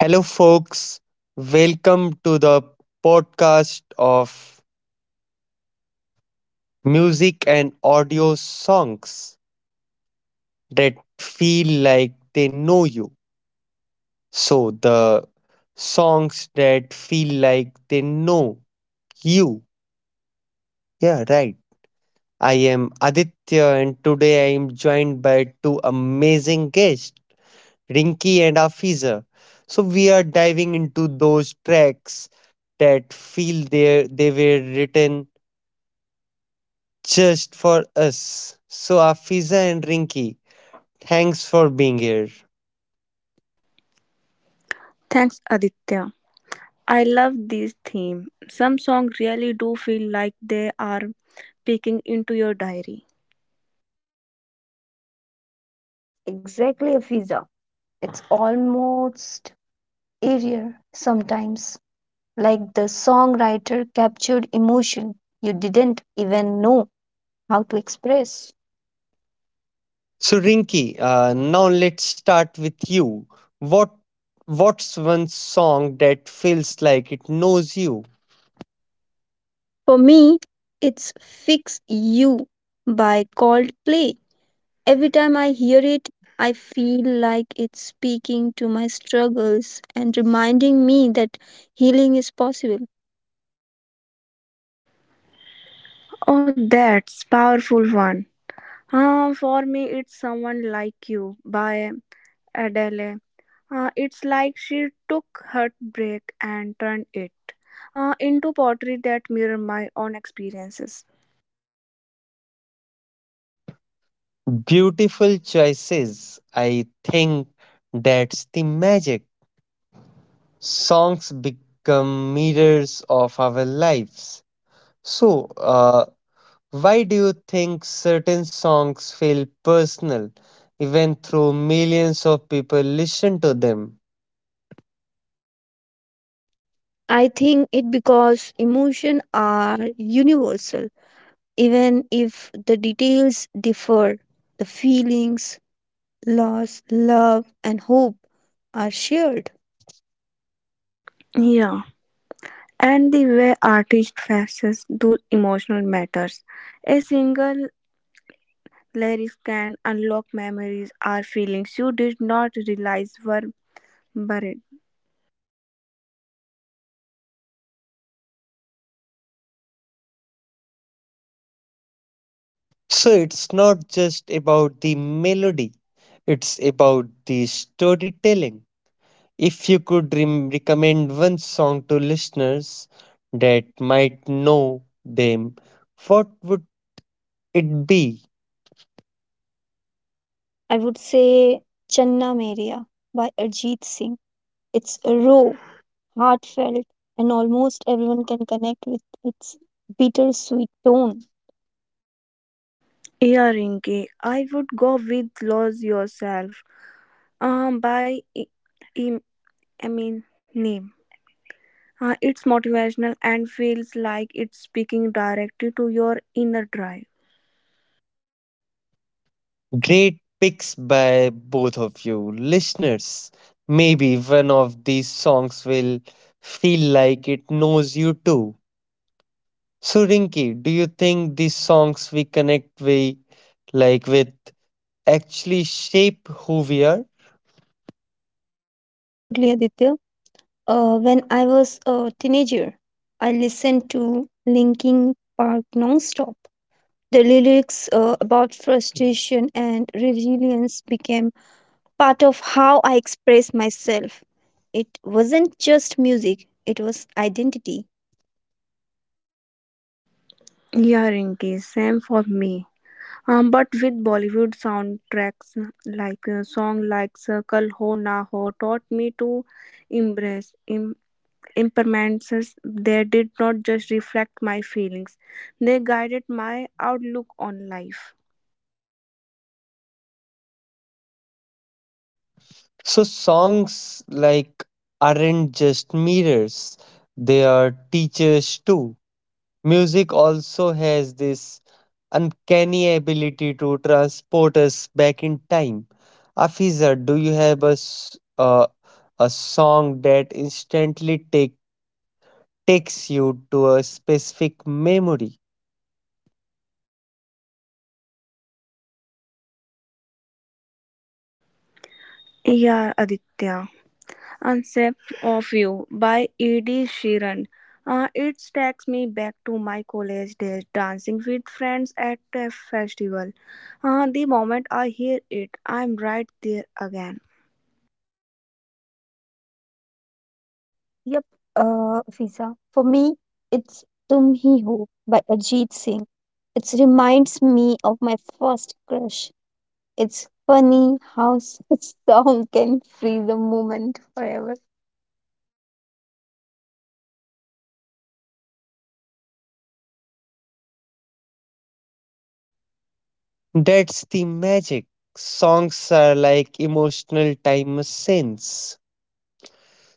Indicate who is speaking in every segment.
Speaker 1: Hello, folks. Welcome to the podcast of music and audio songs that feel like they know you. So, the songs that feel like they know you. Yeah, right. I am Aditya, and today I am joined by two amazing guests, Rinki and Afiza. So, we are diving into those tracks that feel they were written just for us. So, Afiza and Rinky, thanks for being here.
Speaker 2: Thanks, Aditya. I love this theme. Some songs really do feel like they are peeking into your diary.
Speaker 3: Exactly, a visa. It's almost aerial sometimes, like the songwriter captured emotion you didn't even know how to express.
Speaker 1: So, Rinky, now let's start with you. What What's one song that feels like it knows you?
Speaker 3: For me, it's Fix You by Coldplay. Every time I hear it, I feel like it's speaking to my struggles and reminding me that healing is possible.
Speaker 2: Oh, that's powerful one. For me, it's someone like you by Adele. It's like she took heartbreak and turned it into poetry that mirror my own experiences.
Speaker 1: Beautiful choices. I think that's the magic. Songs become mirrors of our lives. So, why do you think certain songs feel personal even though millions of people listen to them?
Speaker 3: I think it because emotions are universal. Even if the details differ, the feelings, loss, love, and hope are shared.
Speaker 2: Yeah, and the way artist faces those emotional matters. A single Lyrics can unlock memories or feelings you did not realize were buried.
Speaker 1: So it's not just about the melody, it's about the storytelling. If you could recommend one song to listeners that might know them, what would it be?
Speaker 3: I would say Channa Meria by Arjit Singh. It's raw, heartfelt, and almost everyone can connect with its bittersweet tone.
Speaker 2: Yeah, Rinky, I would go with Lose Yourself by Im- Eminem. It's motivational and feels like it's speaking directly to your inner drive.
Speaker 1: Great picks by both of you. Listeners, maybe one of these songs will feel like it knows you too. So Rinki, do you think these songs we connect with, like with actually shape who we are?
Speaker 3: Absolutely, Aditya. When I was a teenager, I listened to Linkin Park nonstop. The lyrics about frustration and resilience became part of how I expressed myself. It wasn't just music, it was identity.
Speaker 2: Yeah, Rinky, same for me. But with Bollywood soundtracks like a song like Circle Ho Na Ho taught me to embrace, em- impermanences, they did not just reflect my feelings, they guided my outlook on life.
Speaker 1: So songs like aren't just mirrors, they are teachers too. Music also has this uncanny ability to transport us back in time. Afiza, do you have a, a song that takes you to a specific memory?
Speaker 2: Yeah, Aditya. Concept of You by E.D. Sheeran. It takes me back to my college days dancing with friends at a festival. The moment I hear it, I'm right there again.
Speaker 3: Yep, Fiza. For me, it's Tum Hi Ho by Ajit Singh. It reminds me of my first crush. It's funny how such song can freeze a moment forever.
Speaker 1: That's the magic. Songs are like emotional time machines.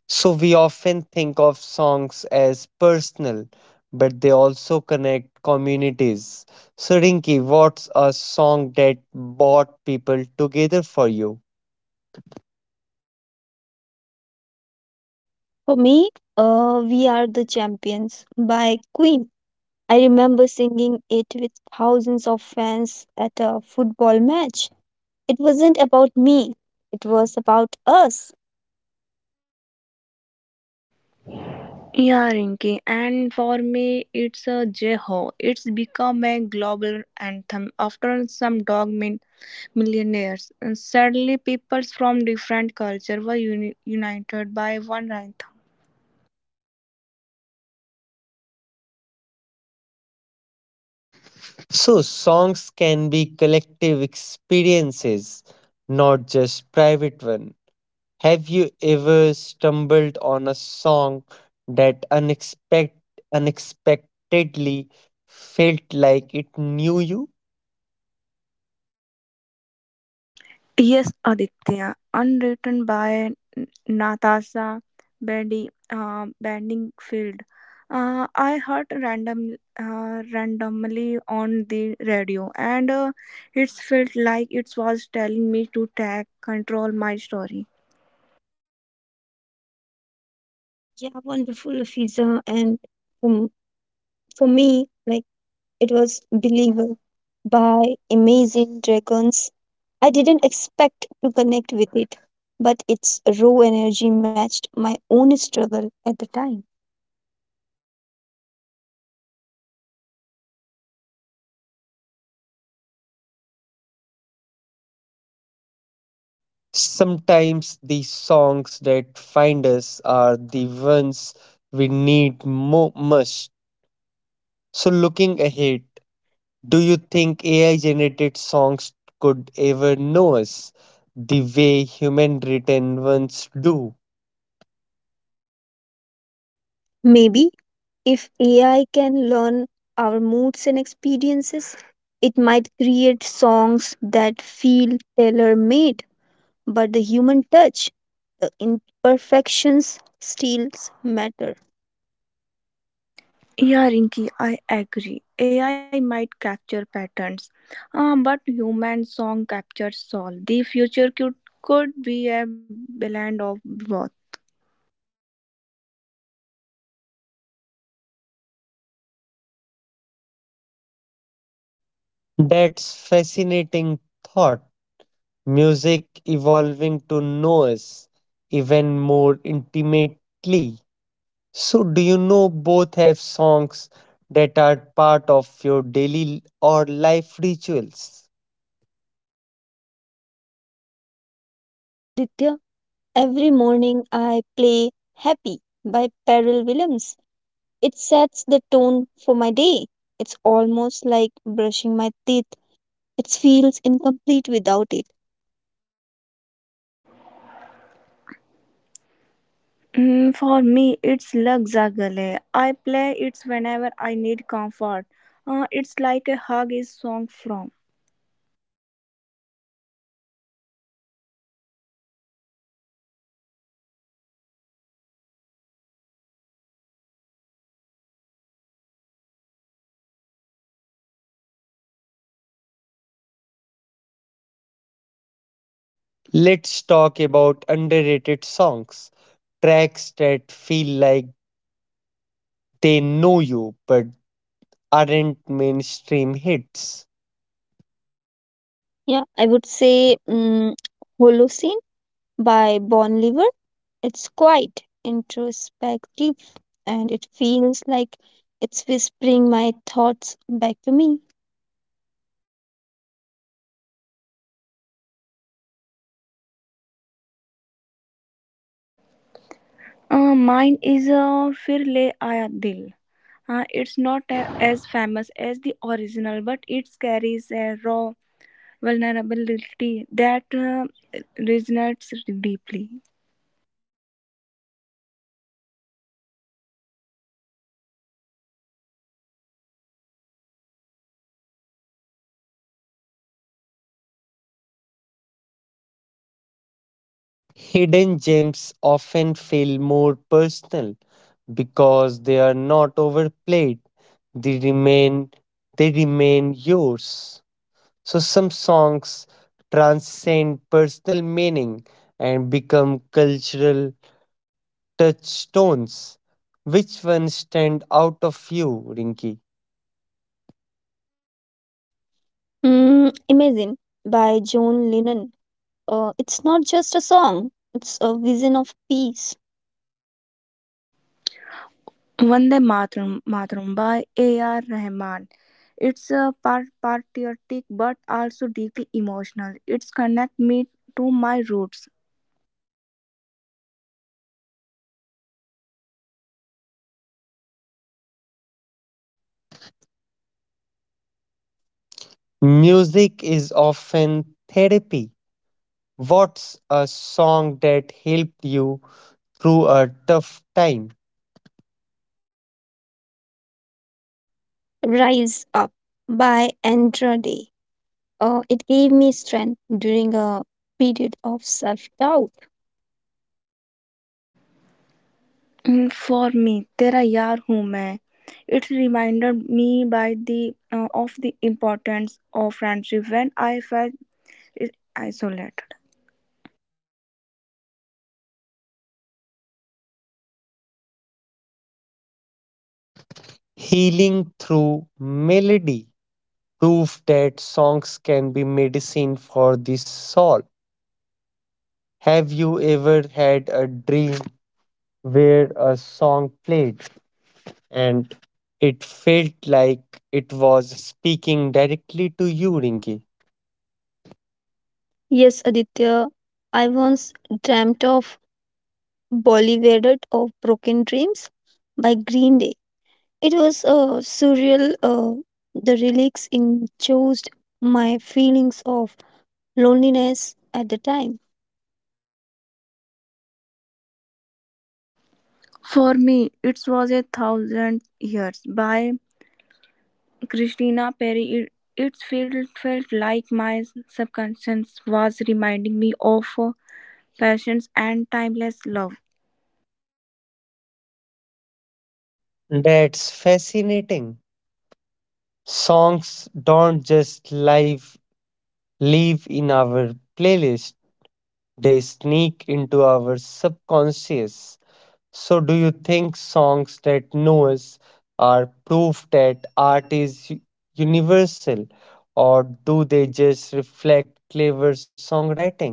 Speaker 1: So we often think of songs as personal, but they also connect communities. So Rinki, what's a song that brought people together for you?
Speaker 3: For me, We Are the Champions by Queen. I remember singing it with thousands of fans at a football match. It wasn't about me, it was about us.
Speaker 2: Yeah, Rinki, and for me, it's a Jeho. It's become a global anthem. After some dogmen millionaires, and suddenly peoples from different cultures were united by one rhythm.
Speaker 1: So songs can be collective experiences, not just private one. Have you ever stumbled on a song that unexpectedly felt like it knew you?
Speaker 2: Yes, Aditya, unwritten by Natasha Benningfield. I heard randomly on the radio, and it felt like it was telling me to take control my story.
Speaker 3: Yeah, wonderful, Fiza. And um, for me, like, it was Believer by Amazing Dragons. I didn't expect to connect with it, but its raw energy matched my own struggle at the time.
Speaker 1: Sometimes the songs that find us are the ones we need most. So, looking ahead, do you think AI generated songs could ever know us the way human written ones do?
Speaker 3: Maybe if AI can learn our moods and experiences, it might create songs that feel tailor made, but the human touch, the imperfections still matter.
Speaker 2: Yeah, Rinki, I agree. AI might capture patterns, but human song captures soul. The future could be a blend of both.
Speaker 1: That's fascinating thought. Music evolving to know us even more intimately. So, do you know both have songs that are part of your daily or life rituals?
Speaker 3: Yes, Aditya, every morning I play Happy by Pharrell Williams. It sets the tone for my day. It's almost like brushing my teeth. It feels incomplete without it.
Speaker 2: Mm, for me, it's Lag Za Gale. I play it whenever I need comfort. It's like a hug is song from.
Speaker 1: Let's talk about underrated songs, tracks that feel like they know you but aren't mainstream hits.
Speaker 3: Yeah, I would say Holocene by Bon Liver. It's quite introspective and it feels like it's whispering my thoughts back to me.
Speaker 2: Mine is Fir Le Aaya Dil. It's not as famous as the original, but it carries a raw vulnerability that resonates deeply.
Speaker 1: Hidden gems often feel more personal because they are not overplayed. They remain they remain yours. So some songs transcend personal meaning and become cultural touchstones. Which ones stand out of you, Rinki?
Speaker 3: Imagine by John Lennon. It's not just a song, it's a vision of peace.
Speaker 2: Vande Matram by A.R. Rahman. It's a part patriotic but also deeply emotional. It's connect me to my roots.
Speaker 1: Music is often therapy. What's a song that helped you through a tough time?
Speaker 3: Rise Up by Andra Day. It gave me strength during a period of self doubt.
Speaker 2: Mm, for me, Tera Yaar Hoon Main. It reminded me by the of the importance of friendship when I felt isolated.
Speaker 1: Healing through melody. Proof that songs can be medicine for the soul. Have you ever had a dream where a song played and it felt like it was speaking directly to you, Rinki.
Speaker 3: Yes, Aditya, I once dreamt of Bollywooded of Broken Dreams by Green Day. It was surreal. The lyrics enclosed my feelings of loneliness at the time.
Speaker 2: For me, it was a thousand years by Christina Perry, it felt like my subconscious was reminding me of passions and timeless love.
Speaker 1: That's fascinating. Songs don't just live in our playlist. They sneak into our subconscious. So do you think songs that know us are proof that art is universal or do they just reflect clever songwriting?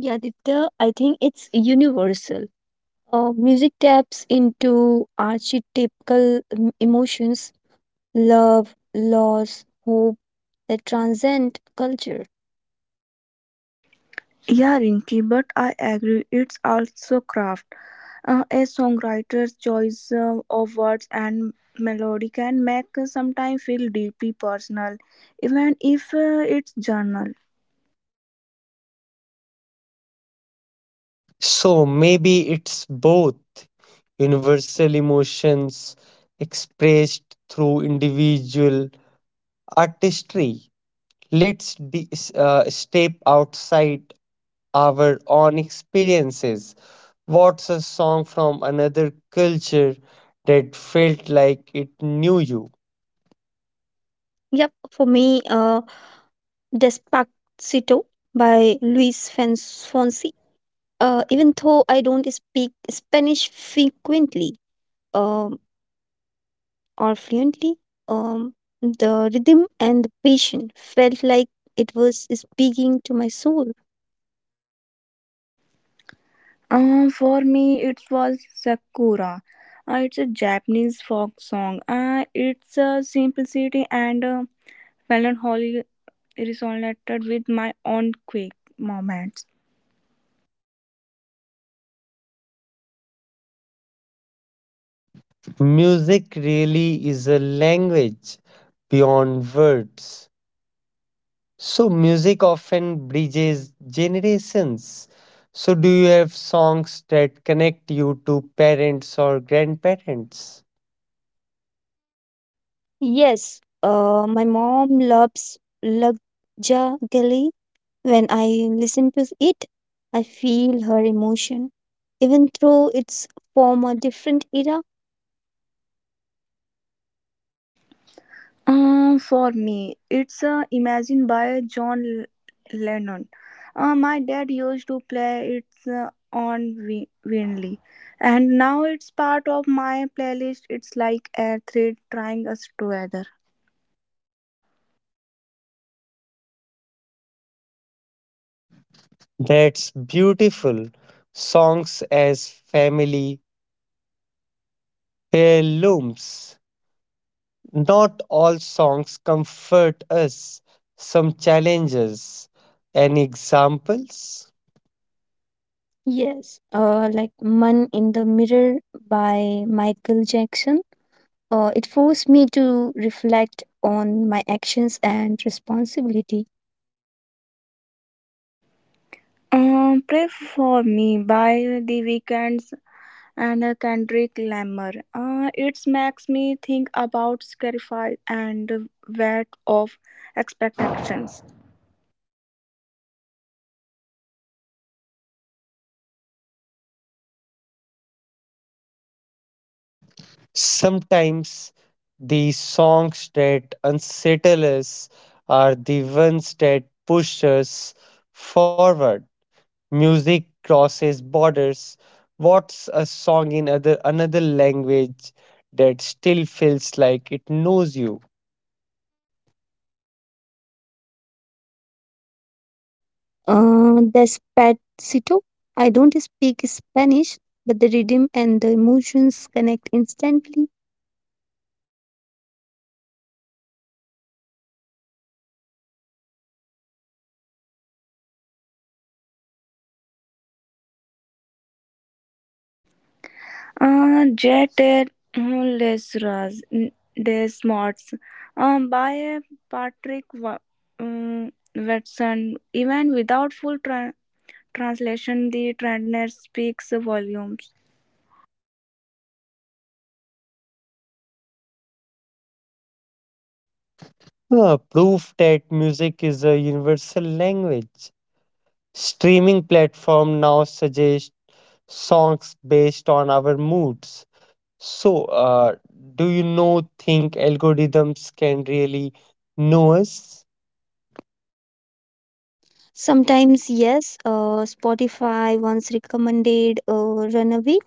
Speaker 3: Yeah, Ditya, I think it's universal. Music taps into archetypical emotions, love, loss, hope that transcend culture.
Speaker 2: Yeah, Rinky, but I agree, it's also craft. A songwriter's choice of words and melody can make sometimes feel deeply personal, even if it's journal.
Speaker 1: So maybe it's both universal emotions expressed through individual artistry. Let's step outside our own experiences. What's a song from another culture that felt like it knew you?
Speaker 3: Yep, for me, Despacito by Luis Fonsi. Even though I don't speak Spanish frequently um, or fluently, um, the rhythm and the passion felt like it was speaking to my soul.
Speaker 2: For me, it was Sakura. It's a Japanese folk song. It's a simplicity and Whelan Holly resonated with my own quick moments.
Speaker 1: Music really is a language beyond words. So music often bridges generations. So do you have songs that connect you to parents or grandparents?
Speaker 3: Yes, my mom loves Lagjagali. When I listen to it, I feel her emotion, even though it's from a different era.
Speaker 2: For me, it's Imagine by John Lennon. My dad used to play it on Winley, and now it's part of my playlist. It's like a thread tying us together.
Speaker 1: That's beautiful. Songs as family heirlooms. Not all songs comfort us. Some challenges and examples.
Speaker 3: Yes, like Man in the Mirror by Michael Jackson. It forced me to reflect on my actions and responsibility.
Speaker 2: Pray for Me by The Weeknd's and Kendrick Lamar. It makes me think about sacrifice and weight of expectations.
Speaker 1: Sometimes the songs that unsettle us are the ones that push us forward. Music crosses borders. What's a song in other another language that still feels like it knows you?
Speaker 3: Despacito. I don't speak Spanish, but the rhythm and the emotions connect instantly.
Speaker 2: Jet Lesras Des Smarts by Patrick Watson. Even without full translation, the trainer speaks volumes.
Speaker 1: Proof that music is a universal language. Streaming platform now suggest songs based on our moods. So, do you know think algorithms can really know us?
Speaker 3: Sometimes, yes, Spotify once recommended Runaway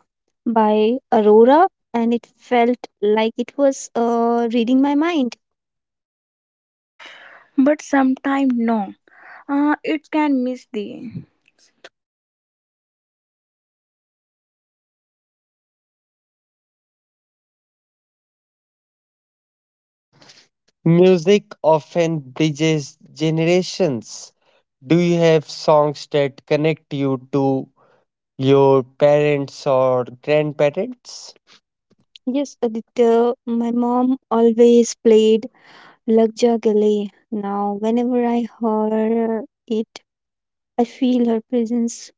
Speaker 3: by Aurora, and it felt like it was reading my mind.
Speaker 2: But sometimes no, it can miss the.
Speaker 1: Music often bridges generations. Do you have songs that connect you to your parents or grandparents?
Speaker 3: Yes, Aditya, my mom always played Lag Ja Gale. Now, whenever I hear it, I feel her presence.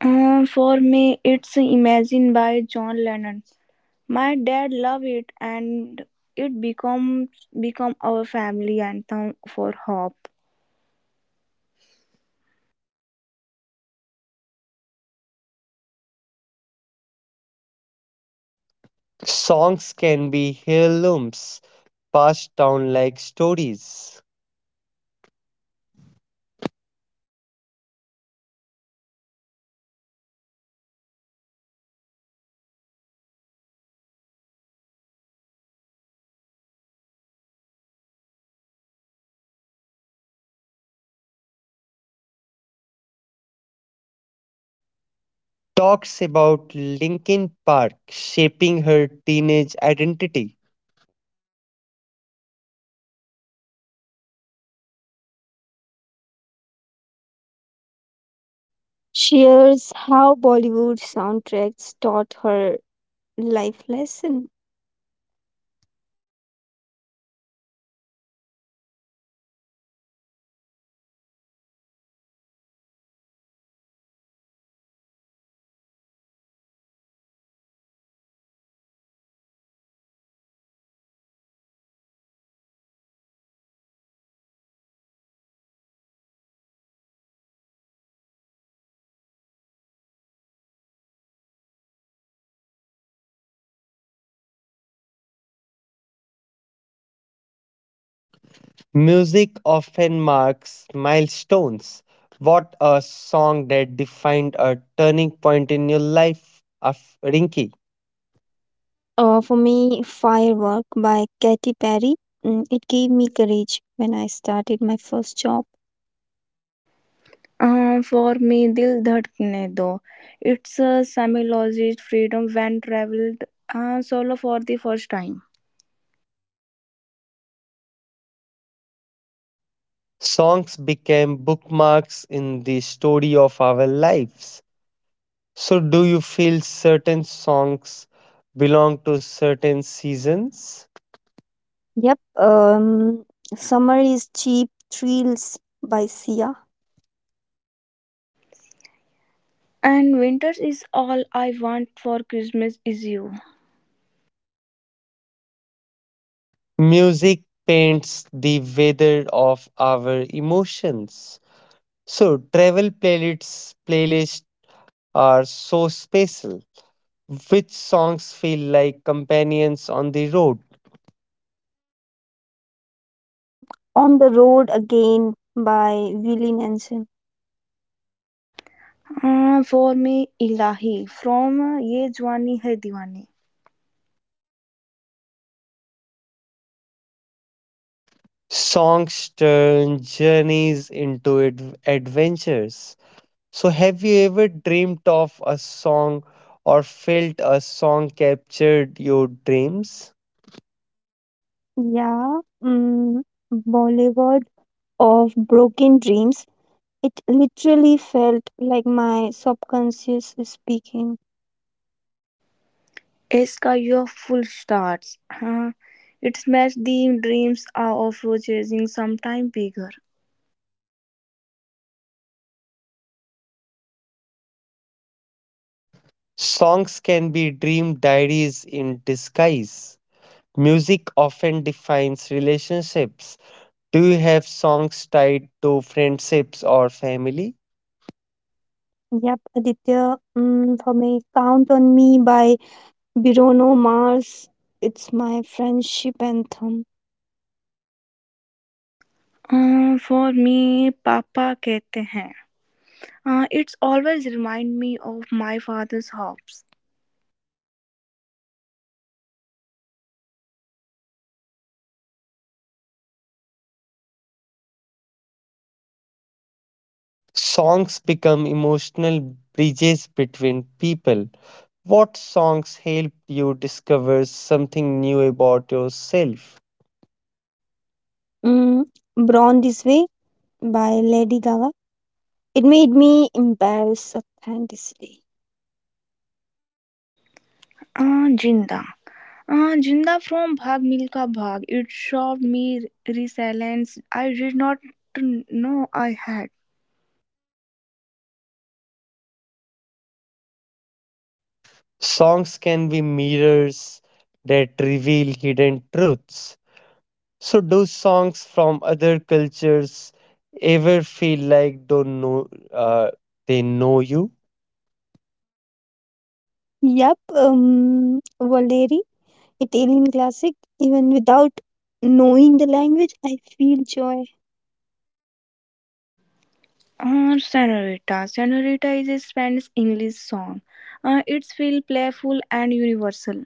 Speaker 2: For me, it's Imagine by John Lennon. My dad loved it and it becomes become our family anthem for hope.
Speaker 1: Songs can be heirlooms passed down like stories. Talks about Linkin Park shaping her teenage identity.
Speaker 3: Shares how Bollywood soundtracks taught her life lesson.
Speaker 1: Music often marks milestones. What a song that defined a turning point in your life, of Rinky.
Speaker 3: For me, Firework by Katy Perry. It gave me courage when I started my first job.
Speaker 2: For me, Dil Dhadkne Do. It's a semi-logist freedom when traveled solo for the first time.
Speaker 1: Songs became bookmarks in the story of our lives. So, do you feel certain songs belong to certain seasons?
Speaker 3: Yep. Summer is Cheap Thrills by Sia.
Speaker 2: And winters is all I want for Christmas is you.
Speaker 1: Music paints the weather of our emotions. So, playlists are so special. Which songs feel like companions on the road?
Speaker 3: Mm, On the Road Again by Willie Nelson.
Speaker 2: For me, Ilahi from Ye Jwani Hai Diwani.
Speaker 1: Songs turn journeys into adventures. So, have you ever dreamt of a song or felt a song captured your dreams?
Speaker 3: Yeah. Boulevard of Broken Dreams. It literally felt like my subconscious is speaking.
Speaker 2: Iska your full stars. It smashed the dreams of chasing sometime bigger.
Speaker 1: Songs can be dream diaries in disguise. Music often defines relationships. Do you have songs tied to friendships or family?
Speaker 3: Yep. Aditya, for me, Count on Me by Birono Mars, it's my friendship anthem.
Speaker 2: Ah for me पापा कहते हैं ah it's always remind me of my father's hopes
Speaker 1: Songs become emotional bridges between people. What songs help you discover something new about yourself?
Speaker 3: Mm, Born This Way by Lady Gaga. It made me embarrass authenticity.
Speaker 2: Ah जिंदा ah जिंदा from Bhaag Milkha Bhaag it shot me resilience I read not no I had
Speaker 1: Songs can be mirrors that reveal hidden truths. So, do songs from other cultures ever feel like don't know they know you?
Speaker 3: Yep, Valeri, Italian classic. Even without knowing the language, I feel joy.
Speaker 2: Ah senorita senorita is Spanish English song ah it's feel playful and universal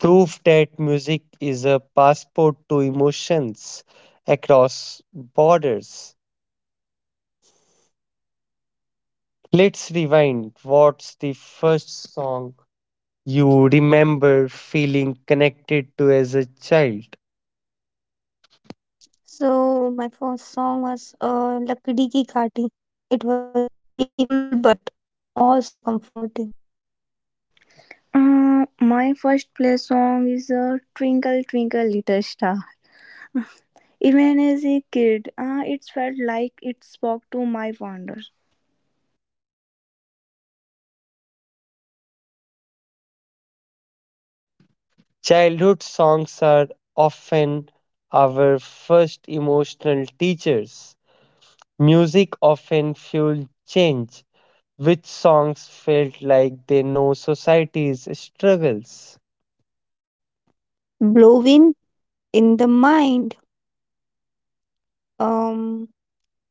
Speaker 1: Proof that music is a passport to emotions across borders. Let's rewind. What's the first song you remember feeling connected to as a child?
Speaker 3: So my first song was Lakdi Ki Kaati. It was playful but also comforting.
Speaker 2: Ah my first play song is ट्व Even as a kid, it felt like it spoke to my wonder.
Speaker 1: Childhood songs are often our first emotional teachers. Music often fueled change. Which songs felt like they know society's struggles?
Speaker 3: Blowing in the mind. Um,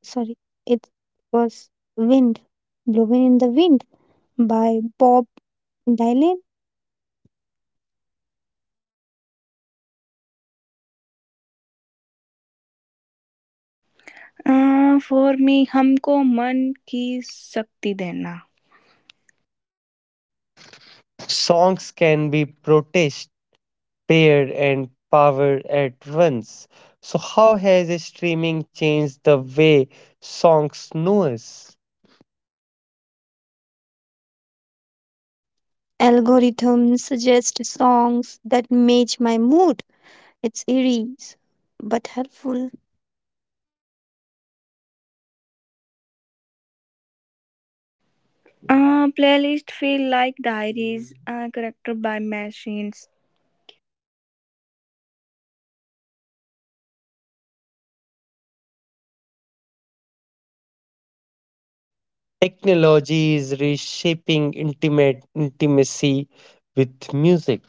Speaker 3: Sorry, it was Wind, Blowing in the Wind by Bob Dylan.
Speaker 2: For me, हमको मन की शक्ति देना.
Speaker 1: Songs can be protest Pair and power at once. So, how has streaming changed the way songs know us?
Speaker 3: Algorithms suggest songs that match my mood. It's eerie but helpful.
Speaker 2: Playlist feel like diaries, corrected by machines.
Speaker 1: Technology is reshaping intimate intimacy with music.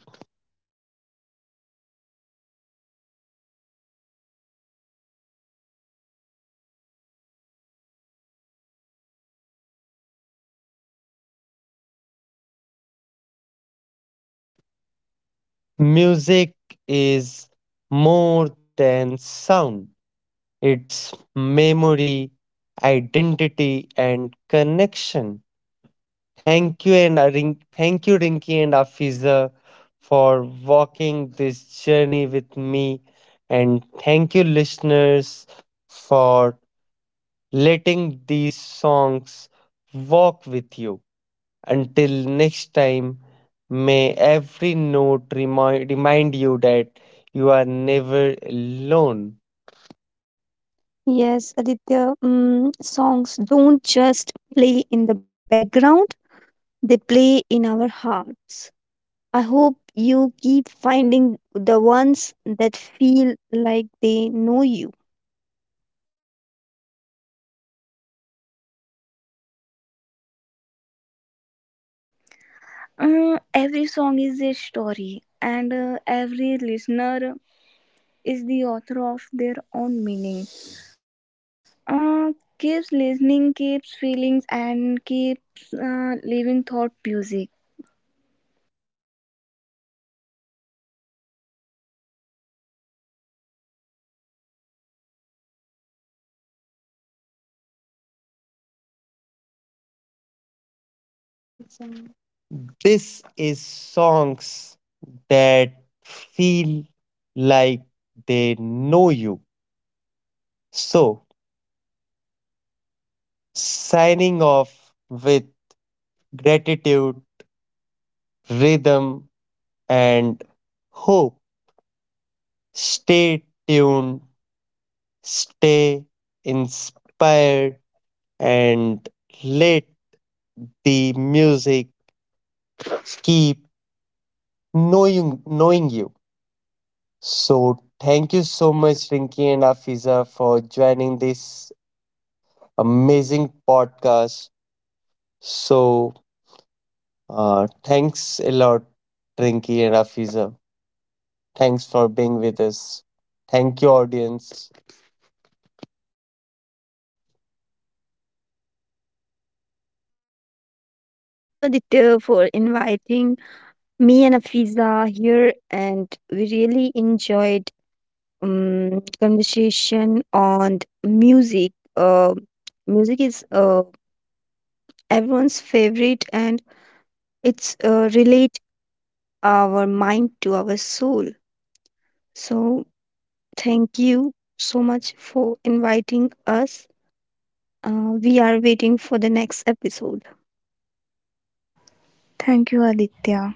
Speaker 1: Music is more than sound, it's memory, identity, and connection. Thank you and thank you, Rinky and Afiza, for walking this journey with me, and thank you, listeners, for letting these songs walk with you. Until next time, may every note remind you that you are never alone.
Speaker 3: Yes, Aditya, songs don't just play in the background, they play in our hearts. I hope you keep finding the ones that feel like they know you.
Speaker 2: Uh, every song is a story, and every listener is the author of their own meaning. Uh, Keeps listening, keeps feelings, and keeps living thought music.
Speaker 1: This is songs that feel like they know you. So signing off with gratitude, rhythm, and hope. Stay tuned, stay inspired, and let the music keep knowing you. So thank you so much, Rinki and Afiza, for joining this amazing podcast. So thanks a lot, Rinki and Afiza. Thanks for being with us. Thank you, audience.
Speaker 3: Thank you, Aditya, for inviting Me and Afiza are here, and we really enjoyed conversation on music. Music is everyone's favorite, and it's relate our mind to our soul. So thank you so much for inviting us. We are waiting for the next episode.
Speaker 2: Thank you, Aditya.